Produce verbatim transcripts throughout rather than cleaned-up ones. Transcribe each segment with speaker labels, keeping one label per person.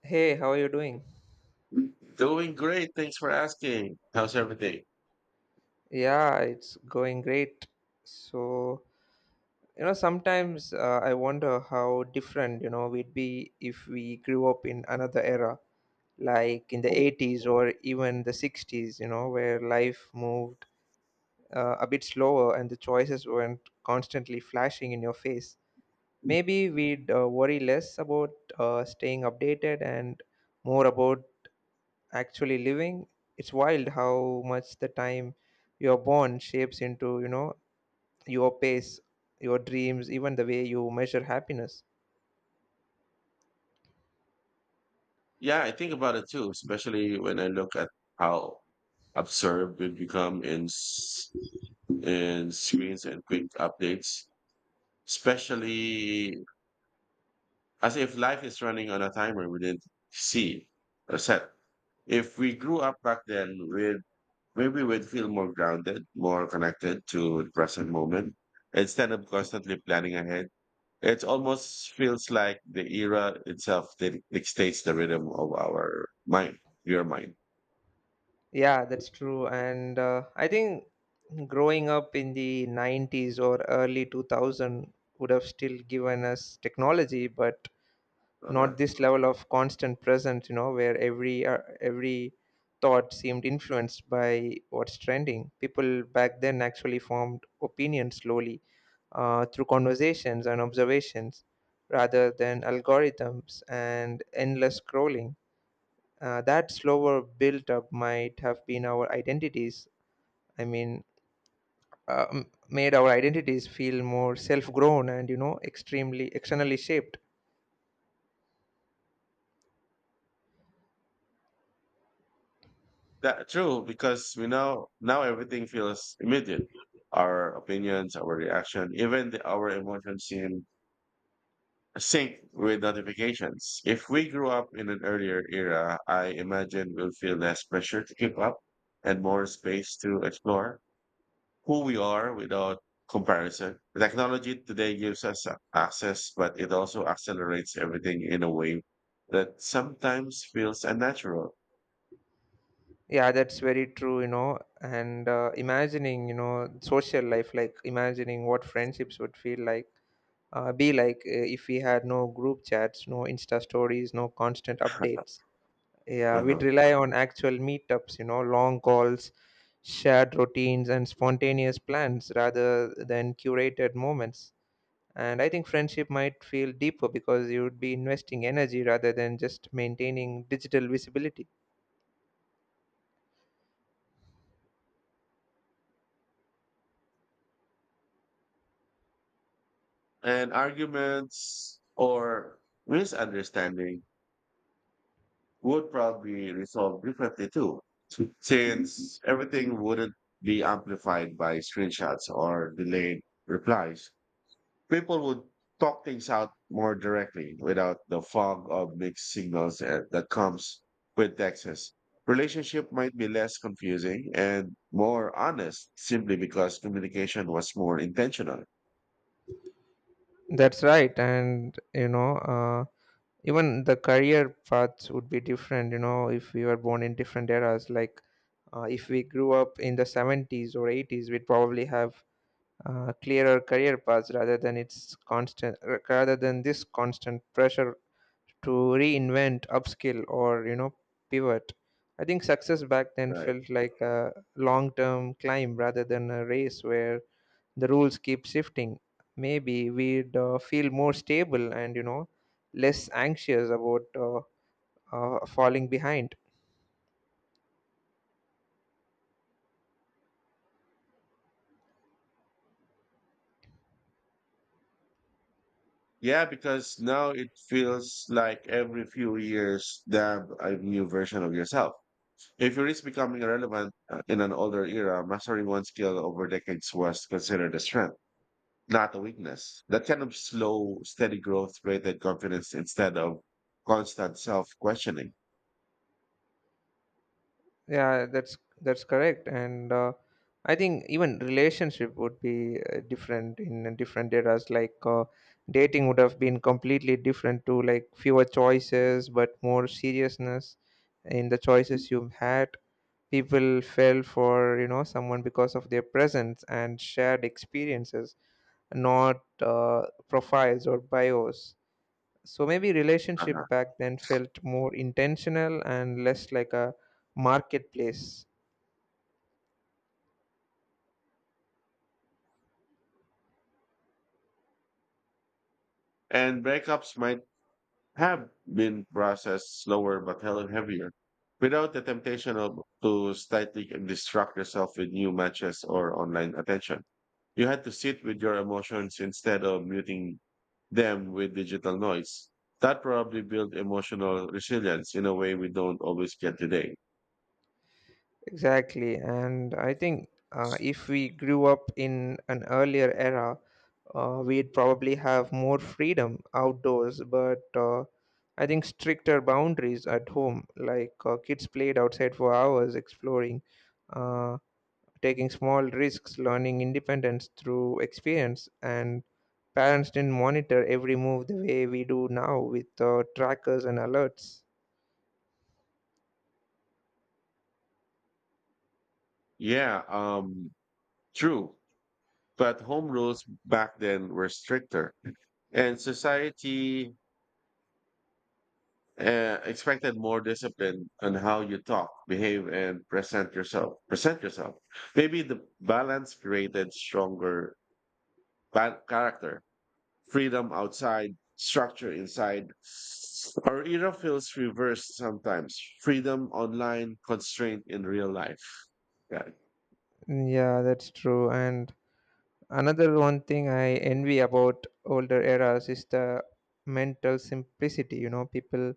Speaker 1: Hey, how are you doing?
Speaker 2: Doing great. Thanks for asking. How's everything?
Speaker 1: Yeah, it's going great. So, you know, sometimes uh, I wonder how different, you know, we'd be if we grew up in another era, like in the
Speaker 2: Oh,
Speaker 1: eighties or even the sixties, you know, where life moved uh, a bit slower and the choices weren't constantly flashing in your face. Maybe we'd uh, worry less about uh, staying updated and more about actually living it's wild how much the time you're born shapes into you know your pace, your dreams, even the way you measure happiness
Speaker 2: yeah, I think about it too, especially when I look at how absurd we've become in s- in screens and quick updates, especially as if life is running on a timer we didn't see or set. If we grew up back then, we'd maybe we'd feel more grounded, more connected to the present moment instead of constantly planning ahead. It almost feels like the era itself dic- dictates the rhythm of our mind, your mind.
Speaker 1: yeah that's true. And uh, i think growing up in the nineties or early two thousand would have still given us technology, but
Speaker 2: Uh,
Speaker 1: not this level of constant presence, you know where every uh, every thought seemed influenced by what's trending. People back then actually formed opinions slowly, uh, through conversations and observations rather than algorithms and endless scrolling. Uh, that slower build up might have been our identities. I mean, um, Made our identities feel more self grown and, you know, extremely externally shaped.
Speaker 2: that true because we know now everything feels immediate. Our opinions, our reaction, even the, our emotions seem sync with notifications. If we grew up in an earlier era, I imagine we'll feel less pressure to keep up and more space to explore who we are without comparison. Technology today gives us a- access, but it also accelerates everything in a way that sometimes feels unnatural.
Speaker 1: Yeah, that's very true, you know. And uh, imagining, you know, social life, like imagining what friendships would feel like, uh, be like uh, if we had no group chats, no Insta stories, no constant updates. Yeah, we'd
Speaker 2: Mhm.
Speaker 1: rely on actual meetups, you know, long calls, shared routines, and spontaneous plans rather than curated moments. And I think friendship might feel deeper because you would be investing energy rather than just maintaining digital visibility.
Speaker 2: And arguments or misunderstanding would probably resolve differently too, since everything wouldn't be amplified by screenshots or delayed replies. People would talk things out more directly without the fog of mixed signals and- that comes with Texas. Relationship might be less confusing and more honest simply because communication was more intentional.
Speaker 1: That's right. And, you know, uh, even the career paths would be different, you know, if we were born in different eras. Like, uh, if we grew up in the seventies or eighties, we'd probably have uh, clearer career paths rather than its constant r- rather than this constant pressure to reinvent, upskill, or you know pivot. I think success back then
Speaker 2: Right.
Speaker 1: felt like a long term climb rather than a race where the rules keep shifting. Maybe we'd uh, feel more stable and, you know less anxious about uh, uh, falling behind.
Speaker 2: Yeah, because now it feels like every few years, damn, a new version of yourself. If you risk becoming irrelevant uh, in an older era, mastering one skill over decades was considered a strength, not a weakness. That kind of slow, steady growth created confidence instead of constant self questioning.
Speaker 1: Yeah, that's that's correct. And uh, i think even relationship would be uh, different in different eras. Like uh, dating would have been completely different to like fewer choices but more seriousness in the choices you had. People fell for, you know someone, because of their presence and shared experiences, not uh, profiles or bios. So maybe
Speaker 2: Uh-huh.
Speaker 1: relationship back then felt more intentional and less like a marketplace.
Speaker 2: And breakups might have been processed slower but held heavier without the temptation of, to slightly distract yourself with new matches or online attention. You had to sit with your emotions instead of muting them with digital noise. That probably built emotional resilience in a way we don't always get today.
Speaker 1: Exactly, and I think uh, if we grew up in an earlier era, uh, we'd probably have more freedom outdoors, but uh, I think stricter boundaries at home. Like uh, kids played outside for hours, exploring, uh, taking small risks, learning independence through experience, and parents didn't monitor every move the way we do now with uh, trackers and alerts.
Speaker 2: Yeah, um, true. But home rules back then were stricter, and society uh, expected more discipline on how you talk, behave, and present yourself. Present yourself. Maybe the balance created stronger ba- character, freedom outside, structure inside. Our era feels reversed sometimes. Freedom online, constraint in real life. Yeah,
Speaker 1: Yeah, that's true. And another one thing I envy about older eras is the mental simplicity. You know, people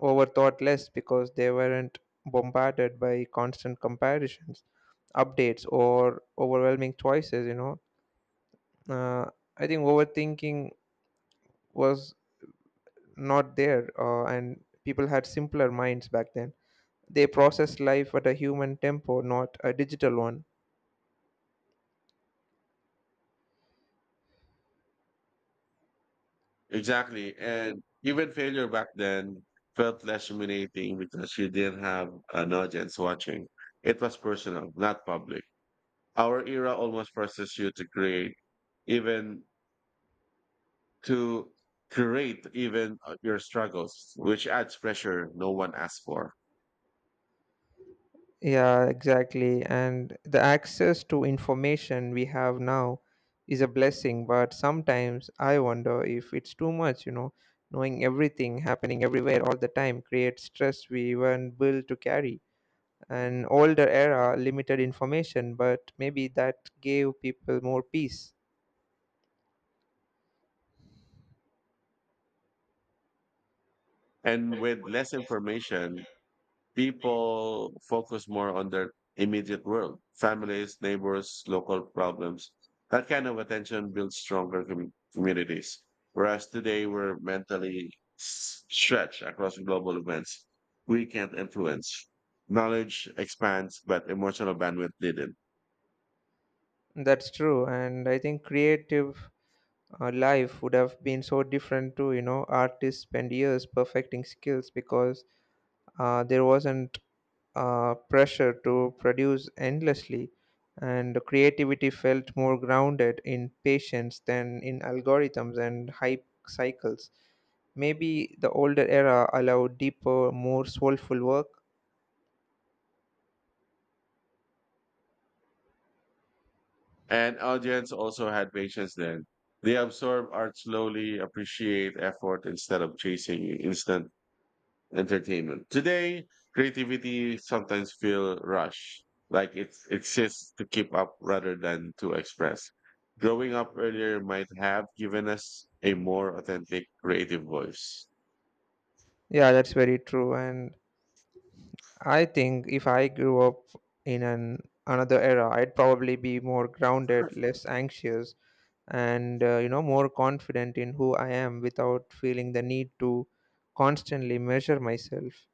Speaker 1: overthought less because they weren't bombarded by constant comparisons, updates, or overwhelming choices. You know, uh, I think overthinking was not there, uh, and people had simpler minds back then. They processed life at a human tempo, not a digital one.
Speaker 2: exactly. And even failure back then felt less humiliating because you didn't have an audience watching. It was personal, not public. Our era almost forces you to create, even to create even uh, your struggles, which adds pressure no one asked for.
Speaker 1: Yeah, exactly. And the access to information we have now is a blessing, but sometimes I wonder if it's too much, you know, knowing everything happening everywhere all the time creates stress we weren't built to carry. An older era limited information, but maybe that gave people more peace.
Speaker 2: And with less information, people focus more on their immediate world, families, neighbors, local problems. That kind of attention builds stronger com- communities. Whereas today we're mentally s- stretched across global events we can't influence. Knowledge expands, but emotional bandwidth didn't.
Speaker 1: That's true, and I think creative uh, life would have been so different too. You know, artists spend years perfecting skills because uh, there wasn't uh, pressure to produce endlessly, and creativity felt more grounded in patience than in algorithms and hype cycles. Maybe the older era allowed deeper, more soulful work.
Speaker 2: And audience also had patience then. They absorb art slowly, appreciate effort instead of chasing instant entertainment. Today, creativity sometimes feel rushed, like it's exists to keep up rather than to express. Growing up earlier might have given us a more authentic creative voice.
Speaker 1: Yeah, that's very true. And I think if I grew up in an another era, I'd probably be more grounded, less anxious, and, uh, you know, more confident in who I am without feeling the need to constantly measure myself.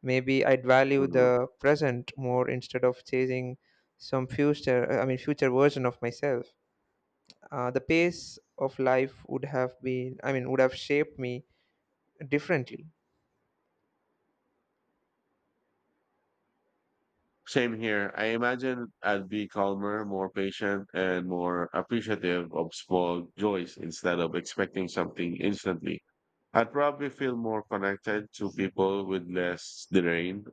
Speaker 1: Maybe I'd value
Speaker 2: Mhm.
Speaker 1: the present more instead of chasing some future, I mean, future version of myself. Uh, the pace of life would have been, I mean, would have shaped me differently.
Speaker 2: Same here. I imagine I'd be calmer, more patient, and more appreciative of small joys instead of expecting something instantly. I'd probably feel more connected to people with less drained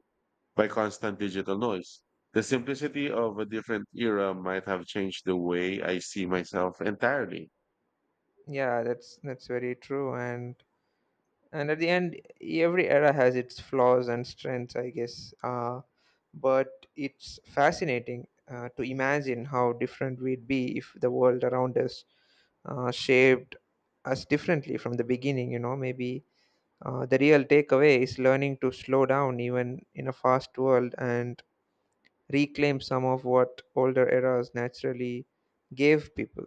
Speaker 2: by constant digital noise. The simplicity of a different era might have changed the way I see myself entirely.
Speaker 1: Yeah, that's that's very true. And and at the end, every era has its flaws and strengths, I guess. Uh, but it's fascinating uh, to imagine how different we'd be if the world around us uh, shaped us differently from the beginning. You know, maybe Uh, the real takeaway is learning to slow down even in a fast world and reclaim some of what older eras naturally gave people.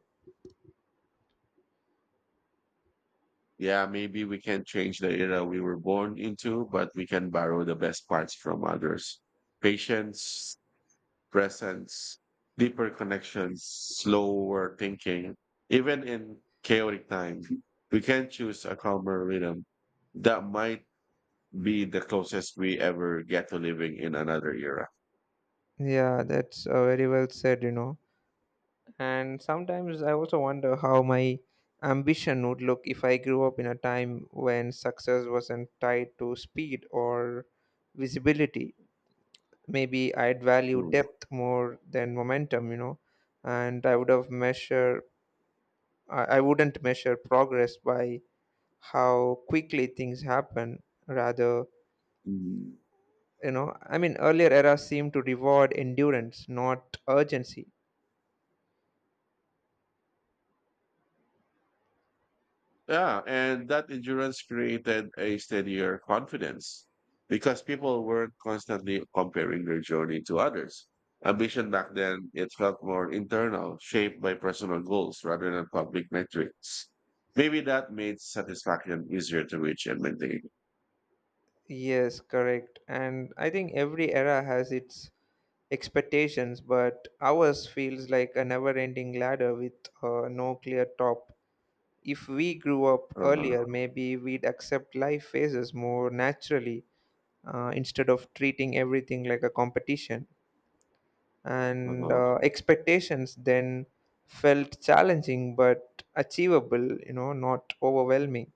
Speaker 2: Yeah, maybe we can not change the era we were born into, but we can borrow the best parts from others. Patience, presence, deeper connections, slower thinking, even in chaotic times, we can choose a calmer rhythm that might be the closest we ever get to living in another era.
Speaker 1: Yeah, that's uh, very well said, you know. And sometimes I also wonder how my ambition would look if I grew up in a time when success wasn't tied to speed or visibility. Maybe I'd value
Speaker 2: Mm.
Speaker 1: depth more than momentum, you know, and I would have measure I I wouldn't measure progress by how quickly things happen rather.
Speaker 2: Mm.
Speaker 1: You know i mean earlier eras seem to reward endurance, not urgency.
Speaker 2: Yeah, and that endurance created a steadier confidence because people weren't constantly comparing their journey to others. Ambition back then, it felt more internal, shaped by personal goals rather than public metrics. Maybe that made satisfaction easier to reach and maintain.
Speaker 1: Yes, correct. And I think every era has its expectations, but ours feels like a never ending ladder with uh, no clear top. If we grew up
Speaker 2: Uh-huh,
Speaker 1: earlier, maybe we'd accept life phases more naturally, uh, instead of treating everything like a competition. And
Speaker 2: uh-huh.
Speaker 1: uh, expectations then felt challenging but achievable, you know not overwhelming.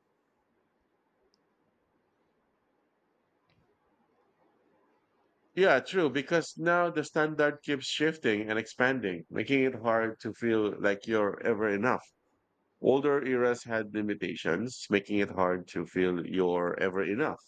Speaker 2: Yeah, true, because now the standard keeps shifting and expanding, making it hard to feel like you're ever enough. Older eras had limitations, making it hard to feel you're ever enough.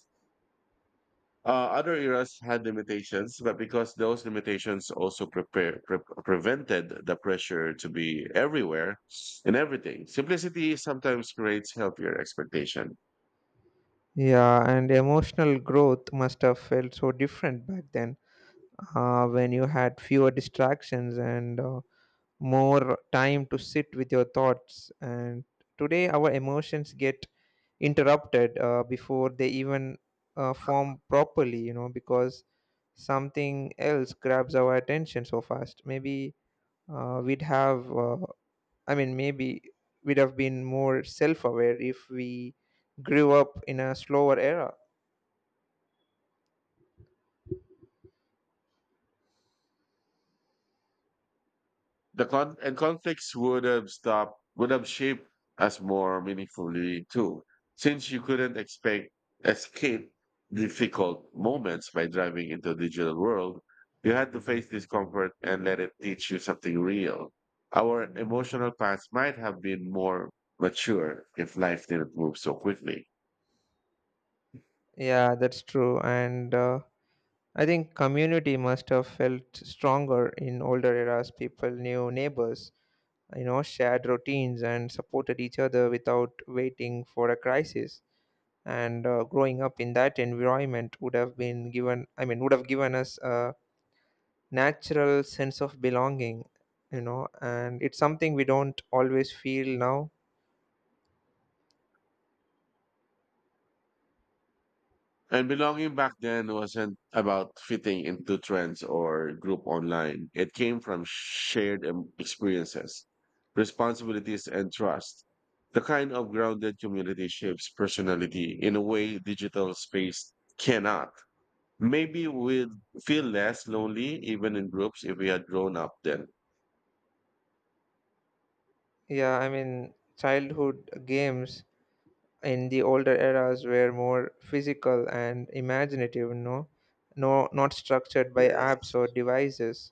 Speaker 2: Uh, other eras had limitations, but because those limitations also prepare, pre- prevented the pressure to be everywhere and everything, simplicity sometimes creates healthier expectation.
Speaker 1: Yeah, and emotional growth must have felt so different back then, uh, when you had fewer distractions and uh, more time to sit with your thoughts. And today our emotions get interrupted uh, before they even uh, form properly, you know because something else grabs our attention so fast. Maybe uh, we'd have uh, i mean maybe we'd have been more self-aware if we grew up in a slower era.
Speaker 2: The con- and conflicts would have stopped, would have shaped us more meaningfully too, since you couldn't expect escape difficult moments by driving into a digital world. You had to face discomfort and let it teach you something real. Our emotional past might have been more mature if life didn't move so quickly.
Speaker 1: Yeah, that's true. And uh, i think community must have felt stronger in older eras. People knew neighbors, you know shared routines, and supported each other without waiting for a crisis. And uh, growing up in that environment would have been given i mean would have given us a natural sense of belonging, you know, and it's something we don't always feel now.
Speaker 2: And belonging back then wasn't about fitting into trends or group online. It came from shared em- experiences, responsibilities, and trust. The kind of grounded community shapes personality in a way digital space cannot. Maybe we'd feel less lonely even in groups if we had grown up then.
Speaker 1: Yeah, I mean, childhood games in the older eras were more physical and imaginative, you know, no, not structured by apps
Speaker 2: Yes.
Speaker 1: or devices.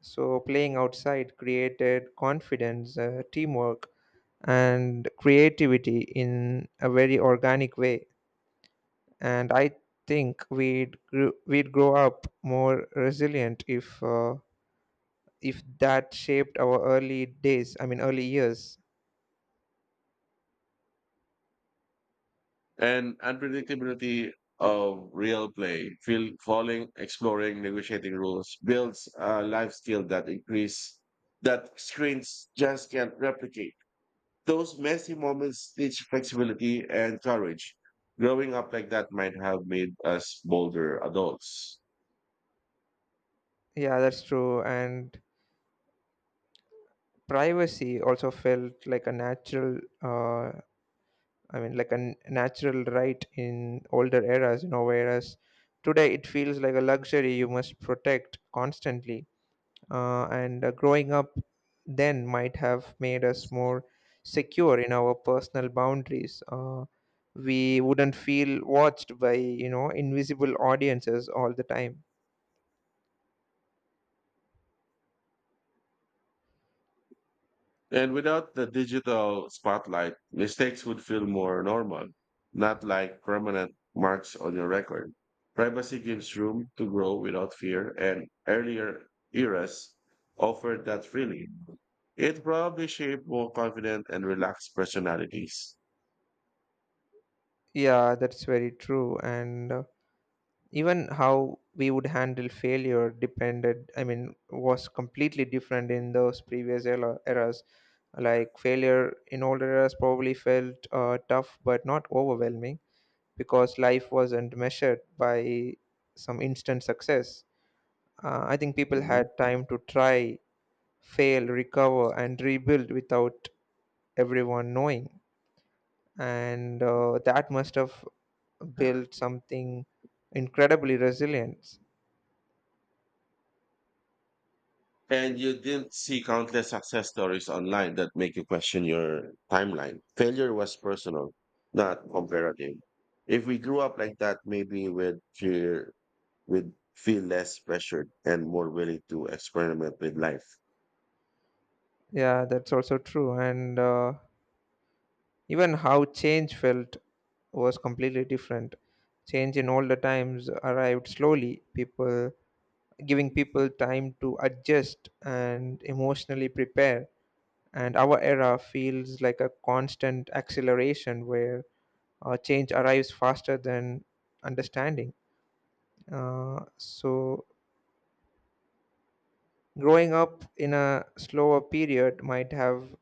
Speaker 1: So playing outside created confidence, uh, teamwork, and creativity in a very organic way. And I think we'd grew, we'd grow up more resilient if uh, if that shaped our early days. I mean, early years.
Speaker 2: And unpredictability of real play, feel falling, exploring, negotiating rules, builds a life skill that increase that screens just can't replicate. Those messy moments teach flexibility and courage. Growing up like that might have made us bolder adults.
Speaker 1: Yeah, that's true. And privacy also felt like a natural. Uh, I mean, like a n- natural right in older eras. You know, whereas today it feels like a luxury you must protect constantly. Uh, and uh, Growing up then might have made us more secure in our personal boundaries. Uh, we wouldn't feel watched by, you know invisible audiences all the time.
Speaker 2: And without the digital spotlight, mistakes would feel more normal, not like permanent marks on your record. Privacy gives room to grow without fear, and earlier eras offered that freely. It probably shaped more confident and relaxed personalities.
Speaker 1: Yeah, that's very true. And uh, even how we would handle failure depended, I mean, was completely different in those previous era- eras. Like failure in older eras probably felt uh, tough but not overwhelming because life wasn't measured by some instant success. Uh, I think people
Speaker 2: Mhm.
Speaker 1: had time to try, fail, recover, and rebuild without everyone knowing. And uh, that must have built something incredibly resilient.
Speaker 2: And you didn't see countless success stories online that make you question your timeline. Failure was personal, not comparative. If we grew up like that, maybe we'd fear would feel less pressured and more willing to experiment with life.
Speaker 1: Yeah, that's also true. And uh, even how change felt was completely different. Change in older times arrived slowly. People giving people time to adjust and emotionally prepare. And our era feels like a constant acceleration where uh, change arrives faster than understanding. Uh, so, growing up in a slower period might have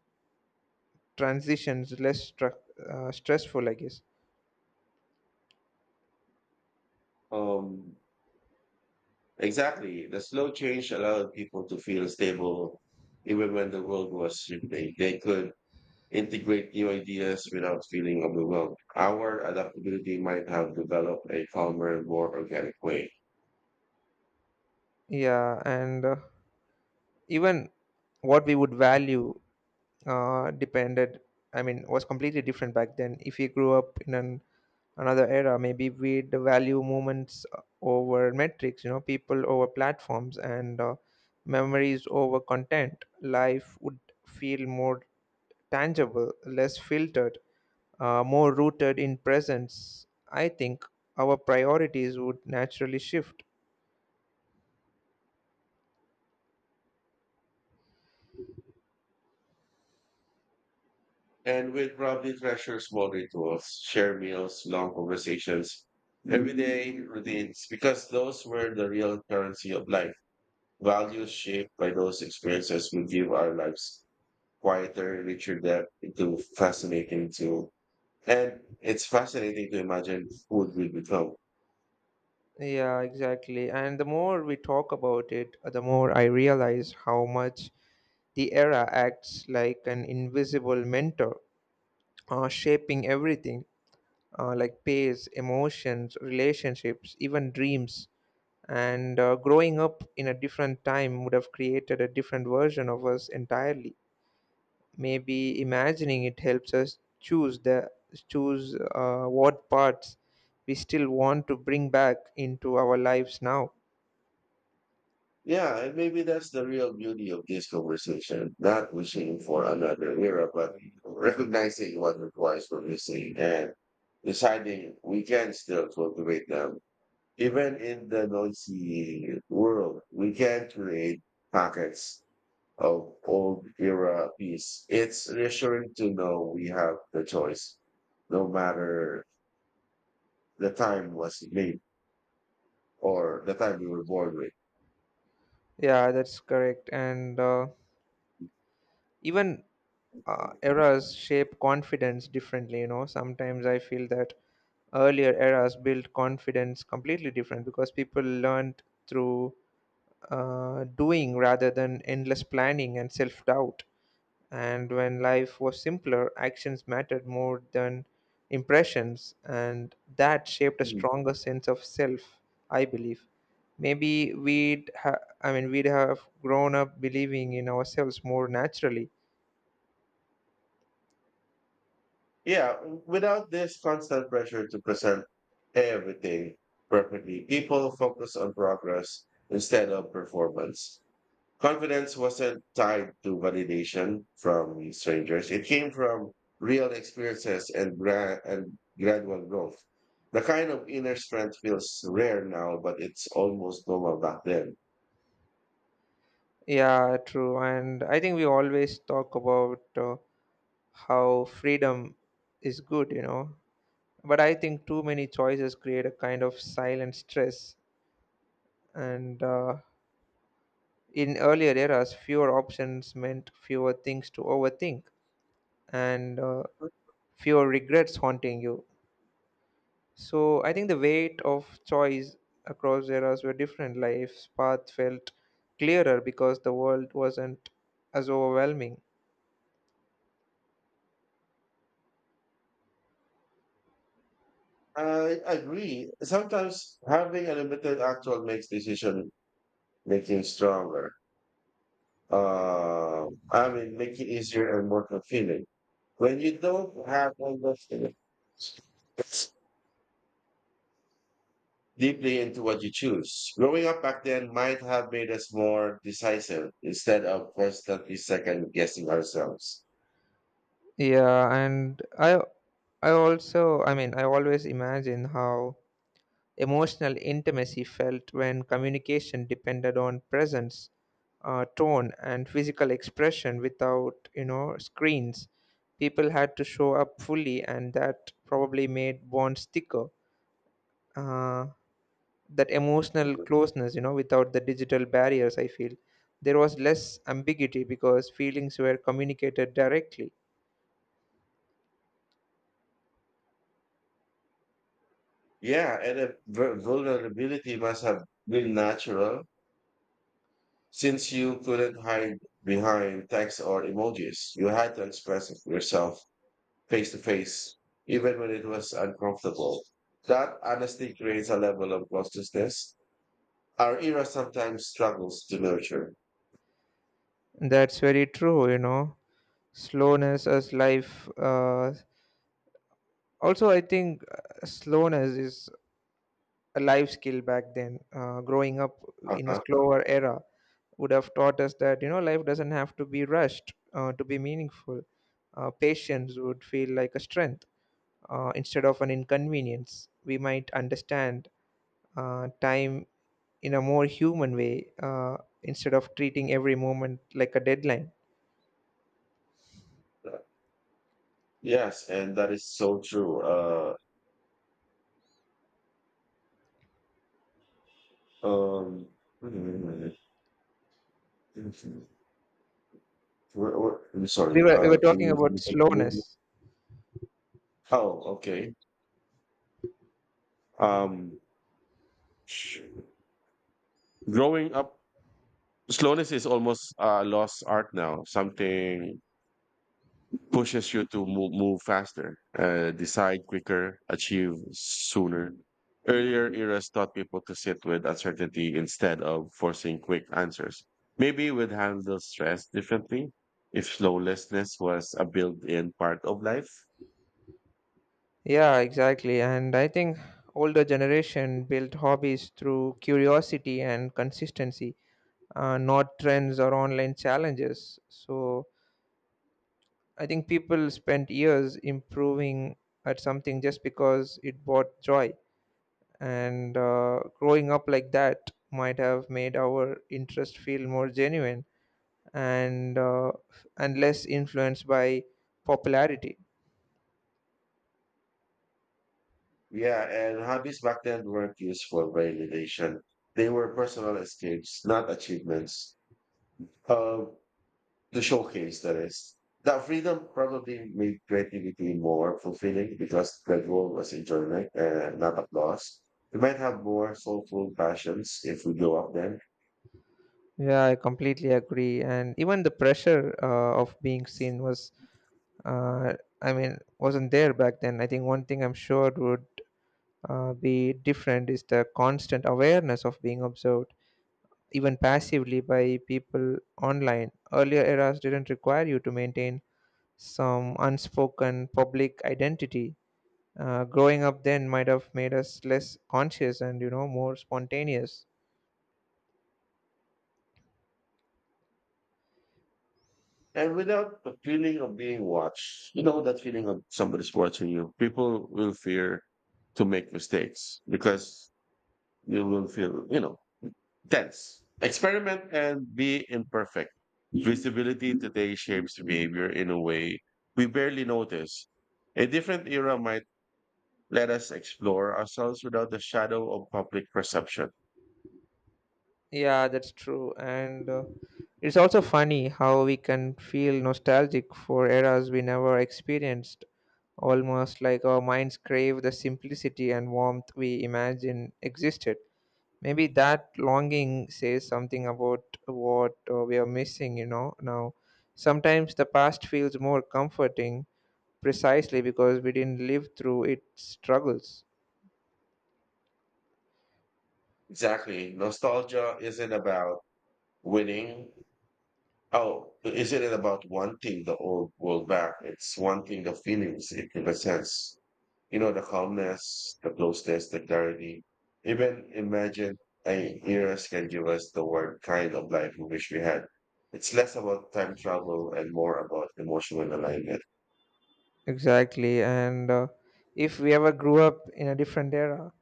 Speaker 1: transitions less stru- uh, stressful, I guess.
Speaker 2: Um, exactly. The slow change allowed people to feel stable even when the world was shifting. They could integrate new ideas without feeling overwhelmed. Our adaptability might have developed a calmer, more organic way.
Speaker 1: Yeah, and uh, even what we would value uh, depended, I mean, was completely different back then. If you grew up in an another era, maybe we'd value moments uh, over metrics, you know, people over platforms, and uh, memories over content. Life would feel more tangible, less filtered, uh, more rooted in presence. I think our priorities would naturally shift.
Speaker 2: And we'd probably treasure small rituals, share meals, long conversations, everyday routines, because those were the real currency of life. Values shaped by those experiences will give our lives quieter, richer depth into fascinating to and it's fascinating to imagine who it will become.
Speaker 1: Yeah, exactly. And the more we talk about it, uh, the more I realize how much the era acts like an invisible mentor, uh, shaping everything, uh, like pace, emotions, relationships, even dreams. And uh, growing up in a different time would have created a different version of us entirely. Maybe imagining it helps us choose the choose uh, what parts we still want to bring back into our lives now.
Speaker 2: Yeah, and maybe that's the real beauty of this conversation, not wishing for another era, but recognizing what requires for missing and deciding we can still cultivate them. Even in the noisy world, we can create pockets of old era piece. It's reassuring to know we have the choice, no matter the time was made or the time we were born with.
Speaker 1: Yeah, that's correct. And uh, even uh, eras shape confidence differently, you know. Sometimes I feel that earlier eras built confidence completely different because people learned through uh, doing rather than endless planning and self-doubt. And when life was simpler, actions mattered more than impressions, and that shaped a
Speaker 2: Mm.
Speaker 1: stronger sense of self, I believe. Maybe we'd ha- i mean we'd have grown up believing in ourselves more naturally.
Speaker 2: Yeah, without this constant pressure to present everything perfectly, people focus on progress instead of performance. Confidence wasn't tied to validation from strangers. It came from real experiences and, gra- and gradual growth. The kind of inner strength feels rare now, but it's almost normal back then.
Speaker 1: Yeah, true. And I think we always talk about uh, how freedom is good, you know. But I think too many choices create a kind of silent stress. And uh, In earlier eras, fewer options meant fewer things to overthink and uh, fewer regrets haunting you. So I think the weight of choice across eras were different. Life's path felt clearer because the world wasn't as overwhelming.
Speaker 2: I agree. Sometimes having a limited actual makes decision making stronger. Uh, I mean, make it easier and more confident. When you don't have all the deeply into what you choose. Growing up back then might have made us more decisive instead of constantly second guessing ourselves.
Speaker 1: Yeah, and I I also I mean I always imagine how emotional intimacy felt when communication depended on presence, uh, tone and physical expression without, you know, screens. People had to show up fully and that probably made bonds thicker. Uh, that emotional closeness, you know, without the digital barriers, I feel there was less ambiguity because feelings were communicated directly.
Speaker 2: Yeah, and if vu- vulnerability must have been natural since you couldn't hide behind text or emojis. You had to express yourself face to face, even when it was uncomfortable. That honesty creates a level of closeness our era sometimes struggles to nurture.
Speaker 1: That's very true, you know. Slowness as life. Uh, also, I think uh, slowness is a life skill back then. Uh, growing up in a
Speaker 2: Uh-huh.
Speaker 1: slower era would have taught us that, you know, life doesn't have to be rushed uh, to be meaningful. Uh, patience would feel like a strength uh, instead of an inconvenience. We might understand uh, time in a more human way uh, instead of treating every moment like a deadline.
Speaker 2: Yes, and that is so true. Uh, um, mm, mm, where- where- I'm
Speaker 1: We
Speaker 2: sorry.
Speaker 1: were, we were
Speaker 2: Uh,
Speaker 1: talking
Speaker 2: can you, can
Speaker 1: about
Speaker 2: you continue?
Speaker 1: slowness.
Speaker 2: Oh, okay. Um, sh- Growing up, slowness is almost a lost art now. Something pushes you to move, move faster, uh, decide quicker, achieve sooner. Earlier eras taught people to sit with uncertainty instead of forcing quick answers. Maybe we'd handle stress differently if slowlessness was a built in part of life.
Speaker 1: Yeah, exactly. And I think older generation built hobbies through curiosity and consistency, uh, not trends or online challenges. So I think people spent years improving at something just because it brought joy. And uh, growing up like that might have made our interest feel more genuine and uh, and less influenced by popularity.
Speaker 2: Yeah, and hobbies back then weren't used for validation, they were personal escapes, not achievements. Um, to showcase the rest. That freedom probably made creativity more fulfilling because the goal was enjoyment and not applause. We might have more soulful passions if we go up them.
Speaker 1: Yeah, I completely agree. And even the pressure uh, of being seen was, uh, I mean, wasn't there back then. I think one thing I'm sure would uh, be different is the constant awareness of being observed, even passively by people online. Earlier eras didn't require you to maintain some unspoken public identity. Uh, growing up then might have made us less conscious and, you know, more spontaneous.
Speaker 2: And without the feeling of being watched, you know, that feeling of somebody's watching you, people will fear to make mistakes because you will feel, you know, tense. Experiment and be imperfect. Visibility today shapes behavior in a way we barely notice. A different era might let us explore ourselves without the shadow of public perception.
Speaker 1: Yeah, that's true. And uh, it's also funny how we can feel nostalgic for eras we never experienced, almost like our minds crave the simplicity and warmth we imagine existed. Maybe that longing says something about what uh, we are missing, you know, now. Sometimes the past feels more comforting precisely because we didn't live through its struggles.
Speaker 2: Exactly. Nostalgia isn't about winning, oh, is it about wanting the old world back? It's wanting the feelings it represents. You know, the calmness, the closeness, the clarity. Even imagine a years can give us the word kind of life we wish we had. It's less about time travel and more about emotional alignment.
Speaker 1: Exactly. And uh, if we ever grew up in a different era,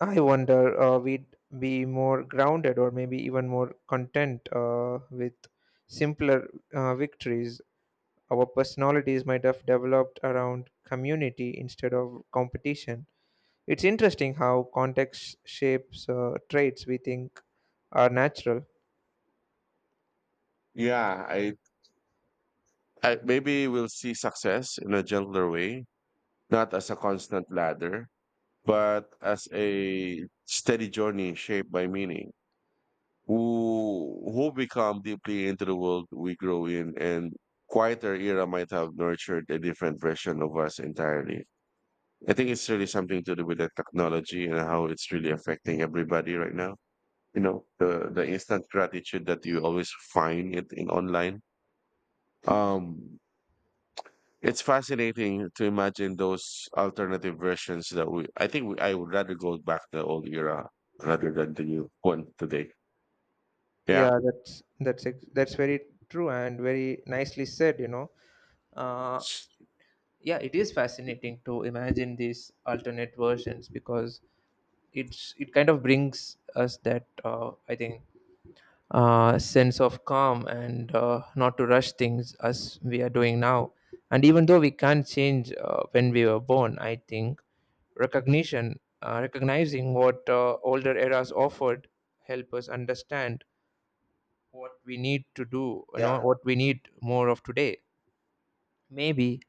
Speaker 1: I wonder uh, we'd be more grounded or maybe even more content uh, with simpler uh, victories. Our personalities might have developed around community instead of competition. It's interesting how context shapes uh, traits we think are natural.
Speaker 2: Yeah, I, I maybe we'll see success in a gentler way, not as a constant ladder, but as a steady journey shaped by meaning. who who become deeply into the world we grow in and quieter era might have nurtured a different version of us entirely. I think it's really something to do with the technology and how it's really affecting everybody right now. You know, the the instant gratitude that you always find it in online. Um it's fascinating to imagine those alternative versions that we I think we, I would rather go back to the old era rather than the new one today. Yeah.
Speaker 1: Yeah, that's that's ex- that's very true and very nicely said, you know. Uh, yeah, it is fascinating to imagine these alternate versions because it's it kind of brings us that uh, I think uh, sense of calm and uh, not to rush things as we are doing now. And even though we can't change uh, when we were born, I think recognition, uh, recognizing what uh, older eras offered, help us understand what we need to do. You
Speaker 2: Yeah.
Speaker 1: know what we need more of today. Maybe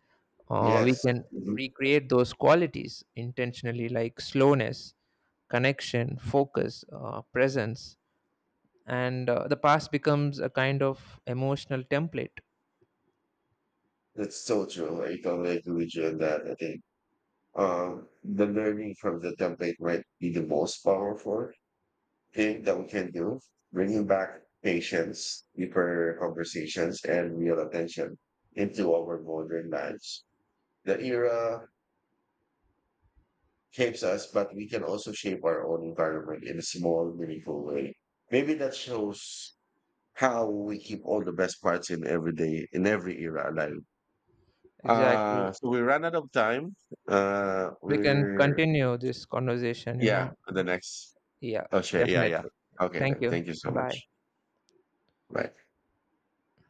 Speaker 1: uh, we
Speaker 2: Yes.
Speaker 1: can recreate those qualities intentionally, like slowness, connection, focus, uh, presence, and uh, the past becomes a kind of emotional template.
Speaker 2: That's so true. I totally agree with you on that. I think um, the learning from the template might be the most powerful thing that we can do, bringing back patience, deeper conversations, and real attention into our modern lives. The era shapes us, but we can also shape our own environment in a small, meaningful way. Maybe that shows how we keep all the best parts in every day, in every era alive.
Speaker 1: Exactly.
Speaker 2: Uh, so we ran out of time. Uh,
Speaker 1: We can
Speaker 2: we're
Speaker 1: continue this conversation, you
Speaker 2: Yeah,
Speaker 1: know.
Speaker 2: the next.
Speaker 1: Yeah,
Speaker 2: Oh shit, yeah, yeah.
Speaker 1: definitely.
Speaker 2: Okay
Speaker 1: Thank
Speaker 2: then.
Speaker 1: you.
Speaker 2: Thank you so
Speaker 1: Bye.
Speaker 2: much. Bye.